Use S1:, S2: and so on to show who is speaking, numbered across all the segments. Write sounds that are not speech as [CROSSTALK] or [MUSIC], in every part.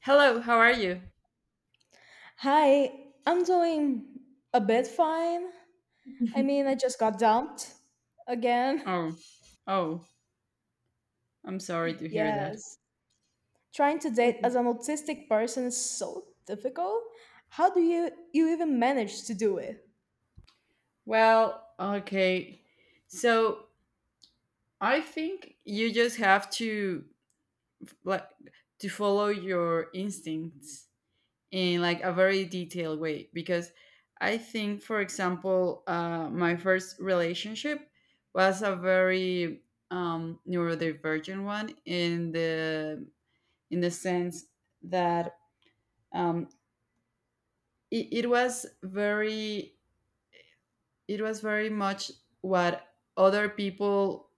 S1: Hello, how are you?
S2: Hi, I'm doing a bit fine. I mean,
S1: [LAUGHS]
S2: I just got dumped again. [LAUGHS]
S1: Oh, oh, I'm sorry to hear that.
S2: Yes. Trying to date as
S1: Okay.
S2: an autistic person is so difficult. How do you even manage to do it?
S1: Well, okay. So I think you just have to, like, to follow your instincts in, like, a very detailed way, because I think, for example, my first relationship was a very neurodivergent one, in the sense that, um, it was very— it was very much what other people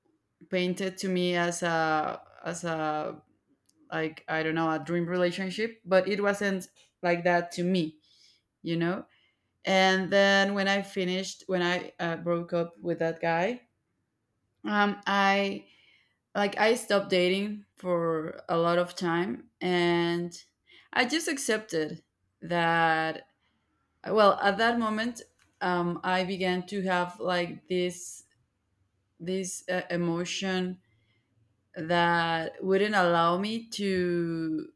S1: painted to me as a, like, I don't know, a dream relationship, but it wasn't like that to me you know and then when I broke up with that guy, I, like, I stopped dating for a lot of time, and I just accepted that, well, at that moment, I began to have, like, this emotion that wouldn't allow me to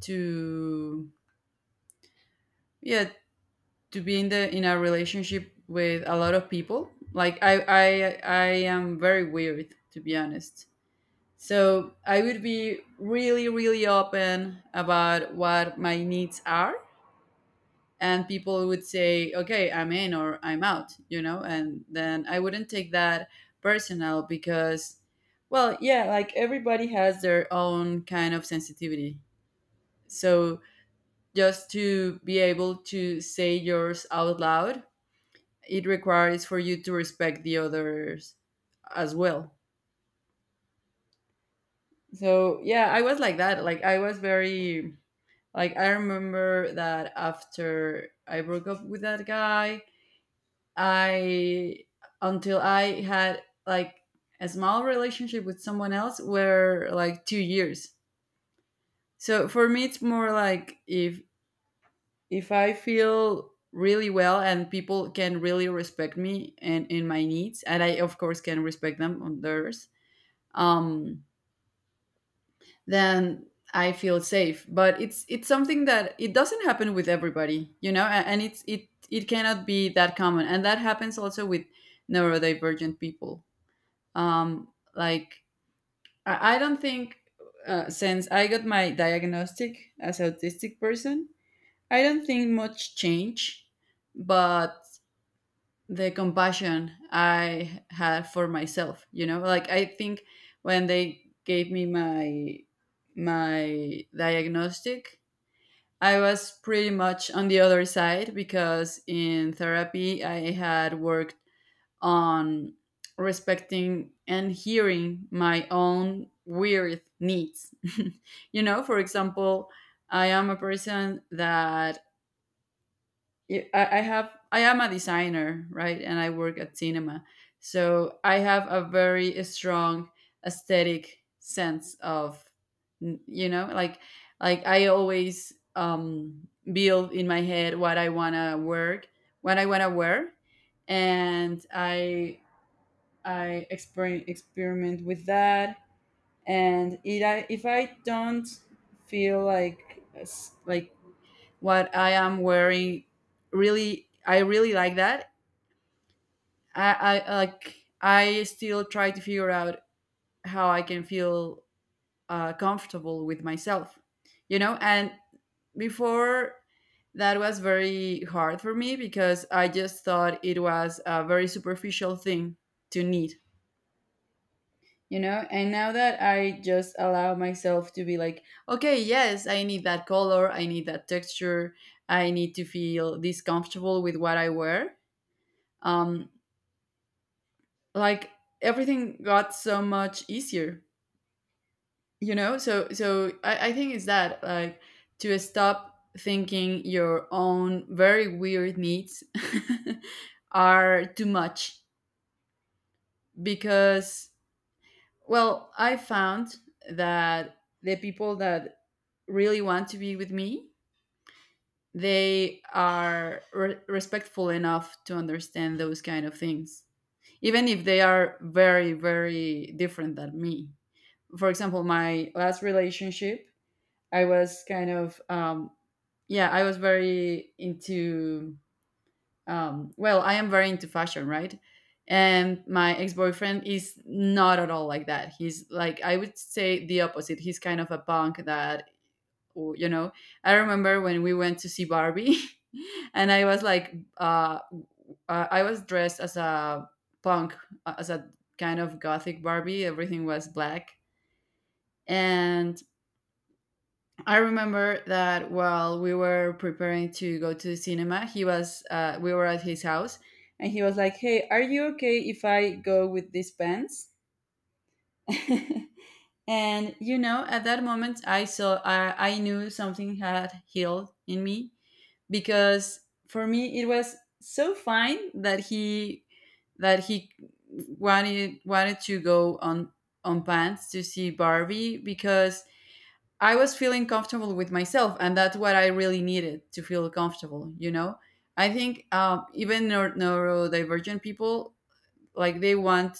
S1: to yeah, to be in the in a relationship with a lot of people. Like, I am very weird, to be honest. So I would be really, really open about what my needs are, and people would say, "Okay, I'm in," or, "I'm out," and then I wouldn't take that personal, because, well, yeah, like, everybody has their own kind of sensitivity. So just to be able to say yours out loud, it requires for you to respect the others as well. So, yeah, I was like that. Like, I was very— like, I remember that after I broke up with that guy, I until I had, like, a small relationship with someone else, were like 2 years. So for me it's more like, if I feel really well, and people can really respect me and in my needs, and I, of course, can respect them on theirs, um then I feel safe. But it's something that it doesn't happen with everybody. And it cannot be that common, and that happens also with neurodivergent people. um like, I don't think— since I got my diagnostic as autistic person, I don't think much change. But the compassion I had for myself, like, I think when they gave me my diagnostic, I was pretty much on the other side, because in therapy I had worked on respecting and hearing my own weird needs. [LAUGHS] For example, I am a person that— I am a designer, right? And I work at cinema. So I have a very strong aesthetic sense of, like, I always build in my head what I want to work, what I want to wear. And I exper— experiment with that, and it— I— if I don't feel like s— like what I am wearing, really, I really like that. I, I like, I still try to figure out how I can feel comfortable with myself. And before, that was very hard for me, because I just thought it was a very superficial thing to need, and now that I just allow myself to be like, okay, yes, I need that color, I need that texture, I need to feel this comfortable with what I wear. um like, everything got so much easier. So I think it's that, like, to stop thinking your own very weird needs [LAUGHS] are too much, because, well, I found that the people that really want to be with me, they are re— respectful enough to understand those kind of things, even if they are very, very different than me. For example, my last relationship, I was kind of, yeah, I was very well, I am very into fashion, right? And my ex boyfriend is not at all like that. He's like, I would say, the opposite. He's kind of a punk that— or I remember when we went to see Barbie, [LAUGHS] and I was like, I was dressed as a punk, as a kind of gothic Barbie. Everything was black. And I remember that while we were preparing to go to the cinema, he was— we were at his house, and he was like, "Hey, are you okay if I go with these pants?" [LAUGHS] And, at that moment I knew something had healed in me, because for me it was so fine that he wanted to go on— pants to see Barbie, because I was feeling comfortable with myself, and that's what I really needed to feel comfortable, you know? I think even neur— neurodivergent people, like, they want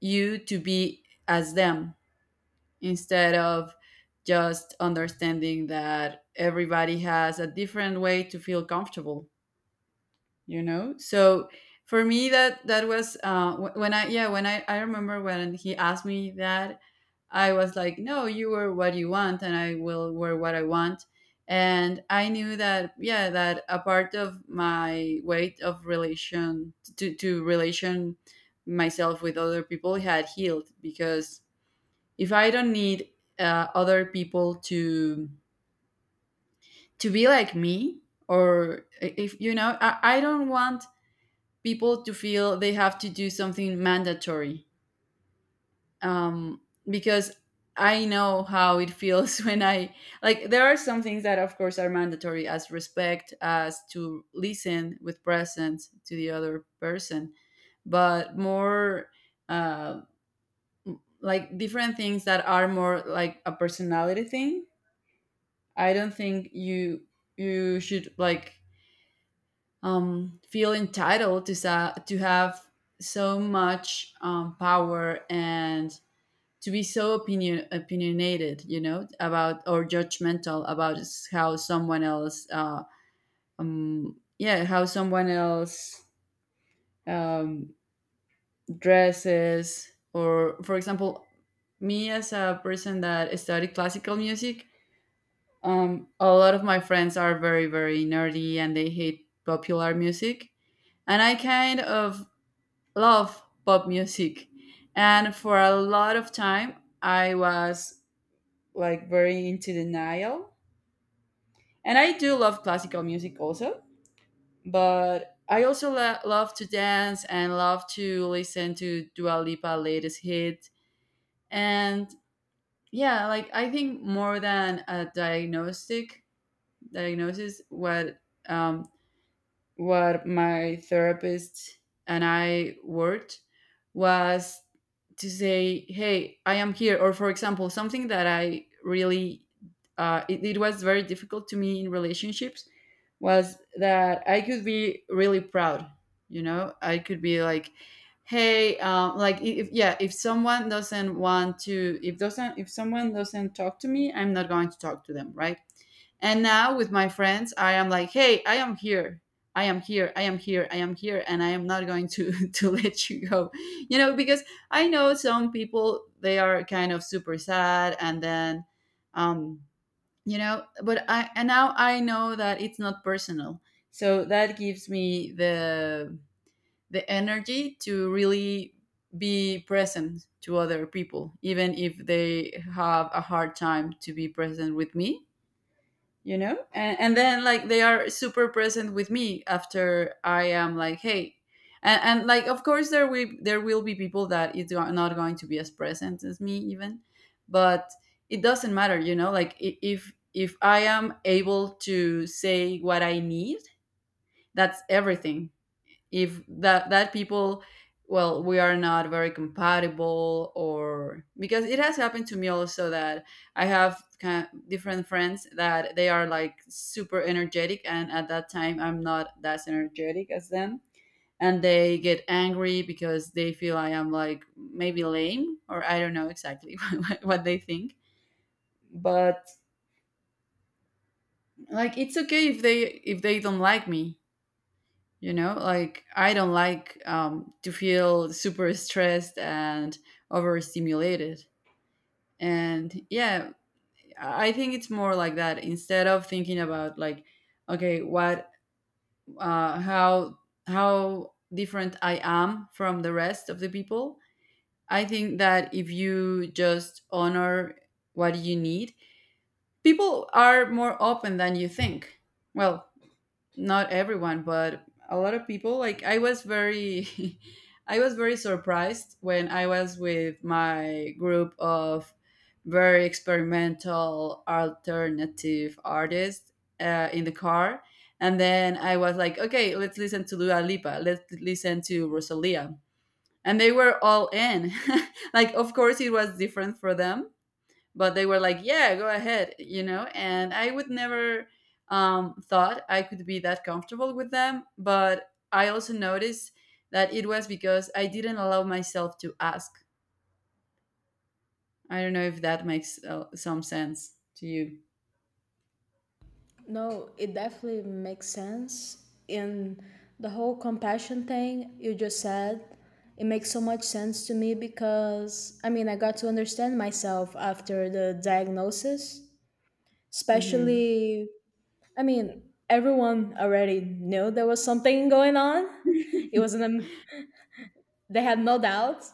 S1: you to be as them, instead of just understanding that everybody has a different way to feel comfortable. So for me that was— wh— when I— yeah, when I remember when he asked me that, I was like, "No, you wear what you want, and I will wear what I want." And I knew that, yeah, that a part of my weight of relation to relation myself with other people had healed, because if I don't need other people to be like me, or, if I don't want people to feel they have to do something mandatory, um, because I know how it feels [LAUGHS] when I— like, there are some things that, of course, are mandatory, as respect, as to listen with presence to the other person. But more uh, like, different things that are more like a personality thing, I don't think you— should, like, feel entitled to sa— to have so much power, and to be so opinionated, about— or judgmental about how someone else, yeah, how someone else um, dresses. Or, for example, me as a person that studied classical music, a lot of my friends are very, very nerdy, and they hate popular music, and I kind of love pop music. And for a lot of time, I was, like, very into denial. And I do love classical music also, but I also lo— love to dance and love to listen to Dua Lipa latest hit. And, yeah, like, I think more than a diagnostic diagnosis, um, what my therapist and I worked, was to say, "Hey, I am here." Or, for example, something that I really— it was very difficult to me in relationships, was that I could be really proud. I could be like, "Hey, like, if— yeah, if someone doesn't want to, if doesn't, if someone doesn't talk to me, I'm not going to talk to them, right?" And now with my friends, I am like, "Hey, I am here." I am here, I am here, I am here, and I am not going to [LAUGHS] to let you go. Because I know some people, they are kind of super sad, and then, um, but I— and now I know that it's not personal, so that gives me the energy to really be present to other people, even if they have a hard time to be present with me. And then, like, they are super present with me after I am like, "Hey." And, like, of course there will be people that it's go— not going to be as present as me, even. But it doesn't matter, like, i— if I am able to say what I need, that's everything. If that— people, well, we are not very compatible. Or, because it has happened to me also that I have kind of different friends that they are, like, super energetic, and at that time I'm not as energetic as them, and they get angry because they feel I am, like, maybe lame, or I don't know exactly [LAUGHS] what they think. But, like, it's okay if they— if they don't like me. Like, I don't like, to feel super stressed and overstimulated. And, yeah, I think it's more like that, instead of thinking about, like, okay, what— how— different I am from the rest of the people. I think that if you just honor what you need, people are more open than you think. Well, not everyone, but a lot of people. Like, I was very [LAUGHS] I was very surprised when I was with my group of very experimental alternative artists, in the car, and then I was like, "Okay, let's listen to Dua Lipa, let's listen to Rosalia." And they were all in. [LAUGHS] Like, of course it was different for them, but they were like, "Yeah, go ahead," and I would never thought I could be that comfortable with them. But I also noticed that it was because I didn't allow myself to ask. I don't know if that makes some sense to you.
S2: No, it definitely makes sense in the whole compassion thing you just said. It makes so much sense to me because I mean, I got to understand myself after the diagnosis,
S1: Hmm.
S2: especially I mean, everyone already knew there was something going on. It wasn't
S1: [LAUGHS]
S2: they had no doubt.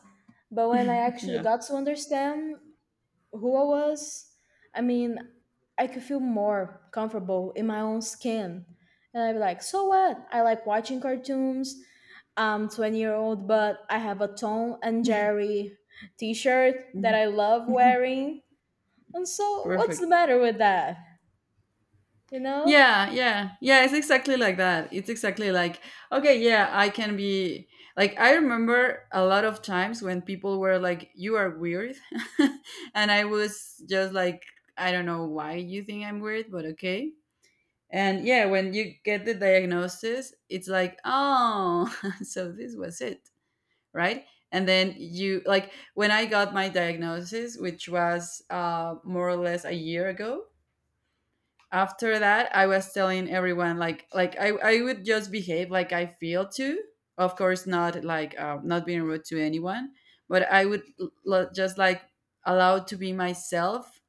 S2: But when I actually
S1: Yeah.
S2: got to understand who I was, I mean, I could feel more comfortable in my own skin. And I'd be like, so what? I like watching cartoons. I'm 20-year-old, but I have a Tom and Jerry t-shirt that
S1: Mhm.
S2: I love
S1: [LAUGHS]
S2: wearing. And so what's the
S1: Perfect.
S2: matter with that? You know?
S1: Yeah, yeah, yeah. It's exactly like that. It's exactly like, okay, yeah, I can be like, I remember a lot of times when people were like, you are weird. [LAUGHS] And I was just like, I don't know why you think I'm weird, but okay. And yeah, when you get the diagnosis, it's like, oh, [LAUGHS] so this was it, right? And then you, like, when I got my diagnosis, which was more or less a year ago, after that I was telling everyone like like I would just behave like I feel to, of course not like not being rude to anyone, but I would just like allowed to be myself.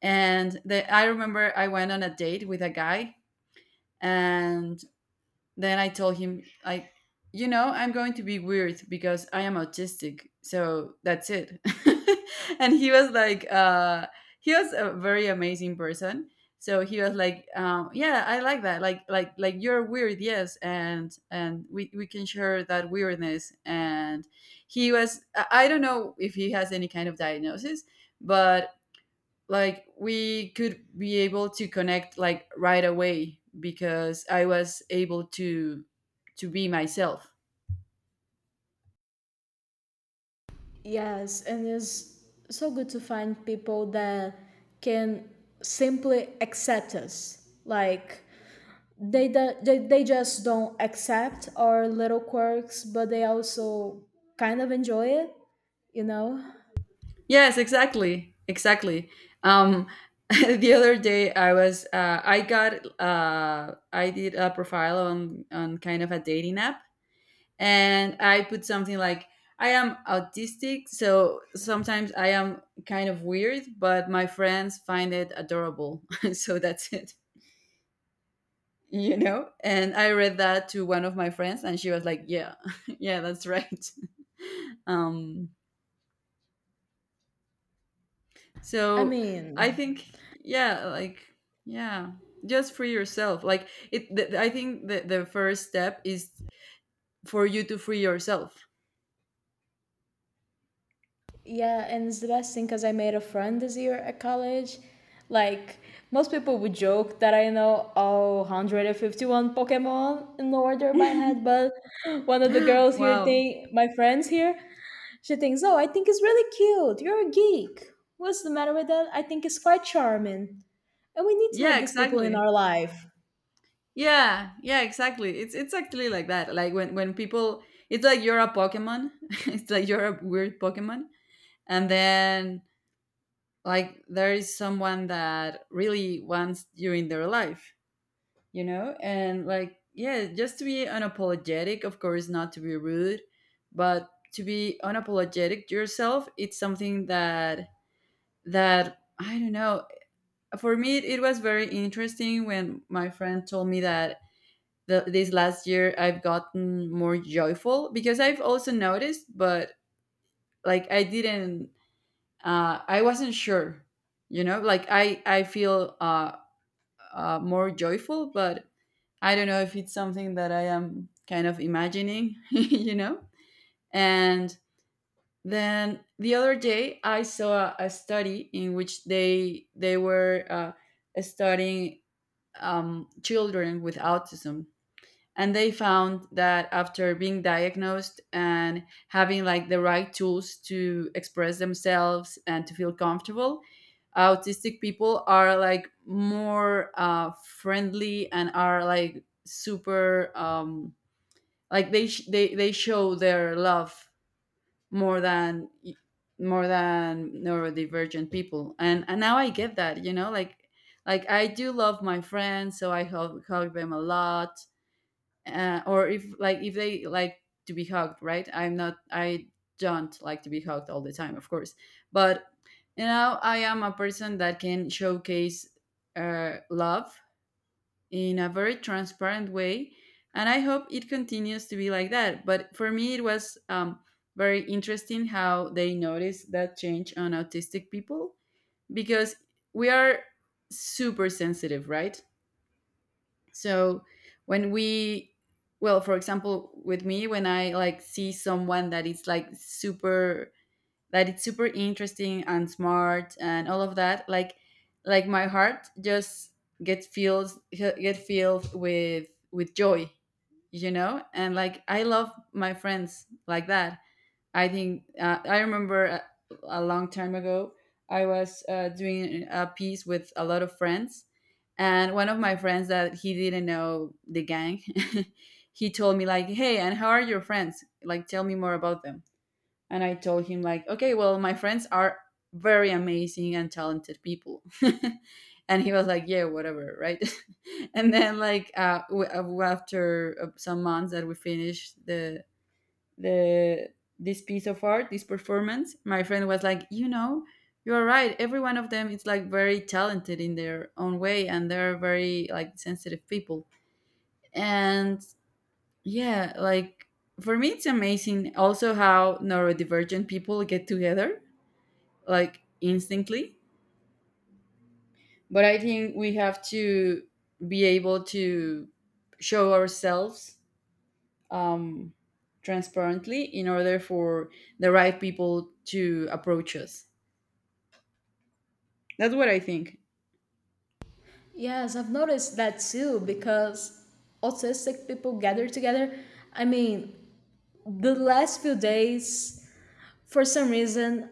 S1: And I remember I went on a date with a guy, and then I told him, like, you know, I'm going to be weird because I am autistic. So that's it. [LAUGHS] And he was like, he was a very amazing person. So he was like, yeah, I like that. Like you're weird. Yes. And we can share that weirdness. And he was, I don't know if he has any kind of diagnosis, but like we could be able to connect like right away because I was able to be myself.
S2: Yes, and it's so good to find people that can simply accept us. Like they do, they just don't accept our little quirks, but they also kind of enjoy it, you know?
S1: Yes, exactly, exactly. Um, [LAUGHS] the other day I was I got I did a profile on kind of a dating app, and I put something like I am autistic, so sometimes I am kind of weird, but my friends find it adorable. [LAUGHS] So that's it. You know, and I read that to one of my friends and she was like, yeah, [LAUGHS] yeah, that's right. [LAUGHS] um
S2: I
S1: so I
S2: mean,
S1: think, yeah, like, yeah, just free yourself. Like I think the first step is for you to free yourself.
S2: yeah, and it's the best thing because I made a friend this year at college. Like, most people would joke that I know all 151 Pokemon in order by head,
S1: [GASPS]
S2: but one of the
S1: [LAUGHS]
S2: girls here
S1: Wow.
S2: think, my friends here, she thinks, oh, I think it's really cute. You're a geek. What's the matter with that? I think it's quite charming. And we need to
S1: Yeah,
S2: have these people in
S1: exactly.
S2: our life.
S1: Yeah, yeah, exactly. It's actually like that. Like when people, it's like you're a Pokemon, [LAUGHS] it's like you're a weird Pokemon. And then like there is someone that really wants you in their life, you know, and like, yeah, just to be unapologetic, of course not to be rude, but to be unapologetic to yourself, it's something that I don't know. For me it was very interesting when my friend told me that this last year I've gotten more joyful because I've also noticed, but like I didn't, I wasn't sure. You know, like I feel more joyful, but I don't know if it's something that I am kind of imagining, [LAUGHS] you know? And then the other day I saw a study in which they were studying children with autism, and they found that after being diagnosed and having like the right tools to express themselves and to feel comfortable, autistic people are like more friendly and are like super, like they show their love more than, more than neurodivergent people. And now I get that, you know, like I do love my friends, so I hug them a lot, or if like if they like to be hugged, right? I'm not, I don't like to be hugged all the time, of course, but, you know, I am a person that can showcase love in a very transparent way, and I hope it continues to be like that. But for me it was, very interesting how they noticed that change on autistic people, because we are super sensitive, right? So when we, well, for example, with me when I like see someone that is like super, that it's super interesting and smart and all of that, like my heart just get filled with joy, you know, and like I love my friends like that. I think, I remember a long time ago I was doing a piece with a lot of friends, and one of my friends that he didn't know the gang, [LAUGHS] he told me like, "Hey, and how are your friends? Like, tell me more about them." And I told him like, "Okay, well, my friends are very amazing and talented people." [LAUGHS] And he was like, "Yeah, whatever, right?" [LAUGHS] And then like after some months that we finished the this piece of art, this performance, my friend was like, you know, you're right. Every one of them is like very talented in their own way, and they're very like sensitive people. And yeah, like for me, it's amazing also how neurodivergent people get together like instantly. But I think we have to be able to show ourselves, um, transparently, in order for the right people to approach us. That's what I think.
S2: Yes, I've noticed that too because autistic people gather together. I mean, the last few days, for some reason,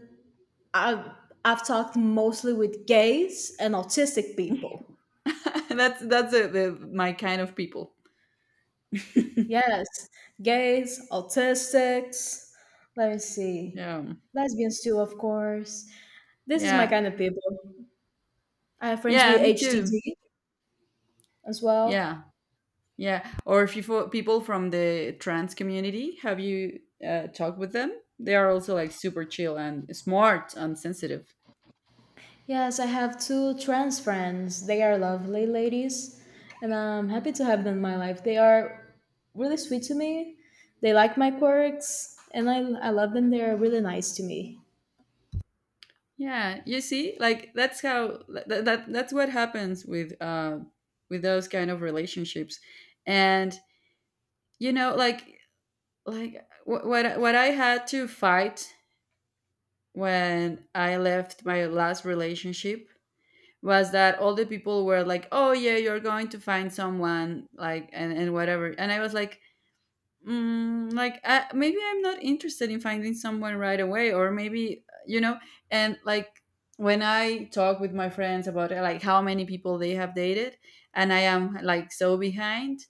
S2: I've, I've talked mostly with gays and autistic people.
S1: [LAUGHS] That's the my kind of people.
S2: Yes, gays, autistics. Let me see.
S1: Yeah,
S2: Lesbians too, of course. This is my
S1: yeah,
S2: kind of people. I have friends
S1: yeah.
S2: with
S1: Me too.
S2: HDD as well.
S1: Yeah, yeah. Or if you people from the trans community, have you talked with them? They are also like super chill and smart and sensitive.
S2: Yes, I have two trans friends. They are lovely ladies, and I'm happy to have them in my life. They are really sweet to me. They like my quirks, and I love them. They are really nice to me.
S1: Yeah, you see, like that's how that's what happens with those kind of relationships, and you know, like what I had to fight when I left my last relationship was that all the people were like, "Oh yeah, you're going to find someone," like, and whatever, and I was like. Mm, like maybe I'm not interested in finding someone right away, or maybe, you know. And like when I talk with my friends about, like how many people they have dated, and I am like so behind.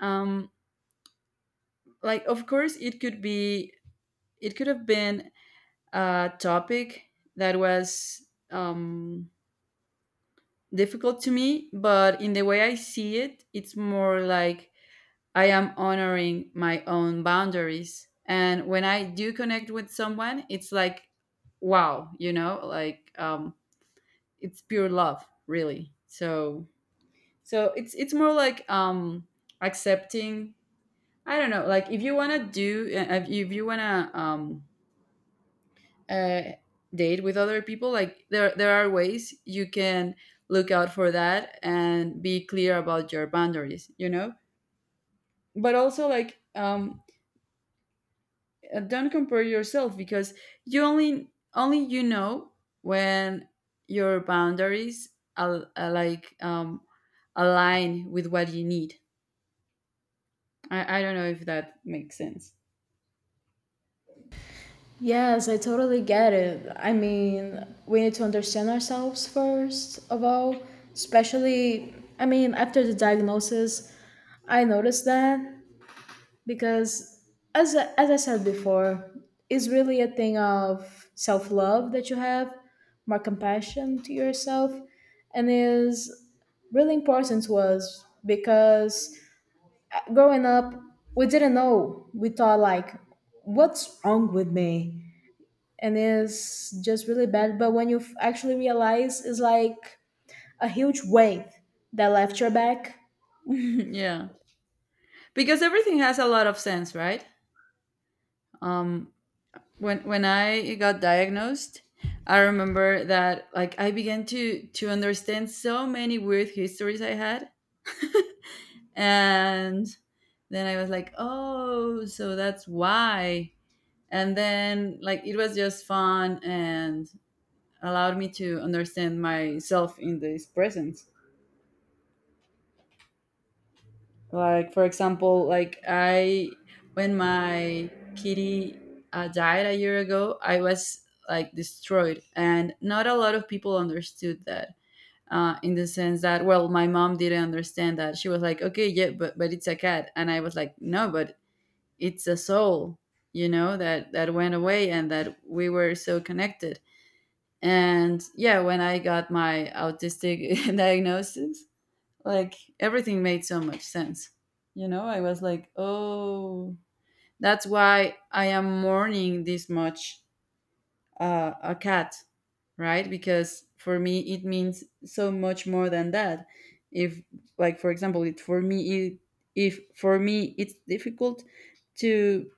S1: um like, of course it could be, it could have been a topic that was, um, difficult to me, but in the way I see it, it's more like I am honoring my own boundaries. And when I do connect with someone, it's like, wow, you know, like, it's pure love, really. So, so it's more like, accepting. I don't know, like if you wanna do, if you wanna uh, date with other people, like there are ways you can look out for that and be clear about your boundaries, you know. But also like don't compare yourself, because you only only you know when your boundaries are like, align with what you need. I don't know if that makes sense.
S2: Yes, I totally get it. I mean, we need to understand ourselves first of all, especially, I mean, after the diagnosis, I noticed that because as I said before, it's really a thing of self love that you have, more compassion to yourself, and is really important to us because growing up we didn't know. We thought like, what's wrong with me? And it's just really bad. But when you actually realize, it's like a huge weight that left your back.
S1: [LAUGHS] Yeah, because everything has a lot of sense, right? Um when I got diagnosed, I remember that like I began to understand so many weird histories I had, [LAUGHS] and then I was like, oh, so that's why. And then like it was just fun and allowed me to understand myself in this present. Like for example, like I, when my kitty died a year ago, I was like destroyed, and not a lot of people understood that. In the sense that, well, my mom didn't understand that. She was like, "Okay, yeah, but it's a cat," and I was like, "No, but it's a soul, you know, that that went away and that we were so connected." And yeah, when I got my autistic [LAUGHS] diagnosis, like everything made so much sense, you know. I was like, oh, that's why I am mourning this much, a cat, right? Because for me it means so much more than that. If, like for example it for me it, if for me it's difficult to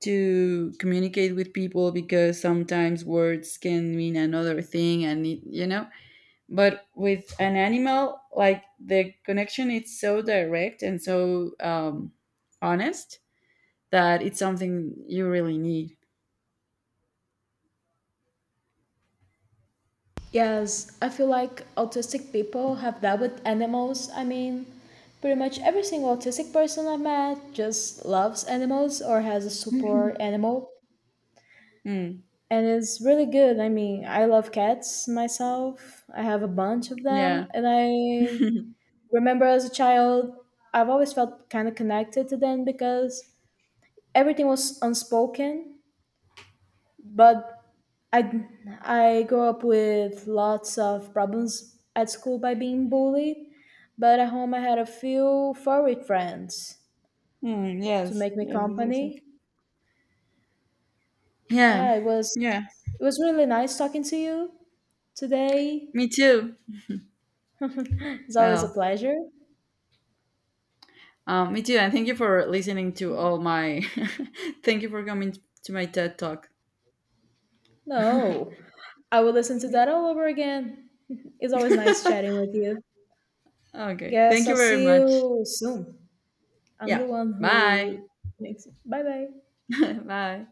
S1: communicate with people, because sometimes words can mean another thing and it, you know, but with an animal like the connection is so direct and so, honest, that it's something you really need.
S2: Yes, I feel like autistic people have that with animals. I mean, pretty much every single autistic person I've met just loves animals or has a super
S1: [LAUGHS]
S2: animal.
S1: Mm,
S2: And it's really good. I mean, I love cats myself. I have a bunch of
S1: yeah.
S2: them. And I
S1: [LAUGHS]
S2: remember as a child, I've always felt kind of connected to them because everything was unspoken, but I I grew up with lots of problems at school by being bullied, but at home I had a few furry friends
S1: Mm,
S2: to
S1: yes,
S2: make me
S1: yes, yes, yes, yes.
S2: company.
S1: Yeah,
S2: Yeah,
S1: yeah,
S2: it was really nice talking to you today.
S1: me too.
S2: It's always a
S1: Well,
S2: pleasure.
S1: me too, and thank you for listening to all my, [LAUGHS] thank you for coming to my TED talk.
S2: No, I will listen to that all over again. [LAUGHS] It's always nice chatting
S1: [LAUGHS]
S2: with you.
S1: Okay,
S2: Guess
S1: thank
S2: I'll
S1: you very
S2: see
S1: much.
S2: you soon. I'm the
S1: Yeah,
S2: one
S1: bye.
S2: who makes it. Bye bye.
S1: [LAUGHS] Bye.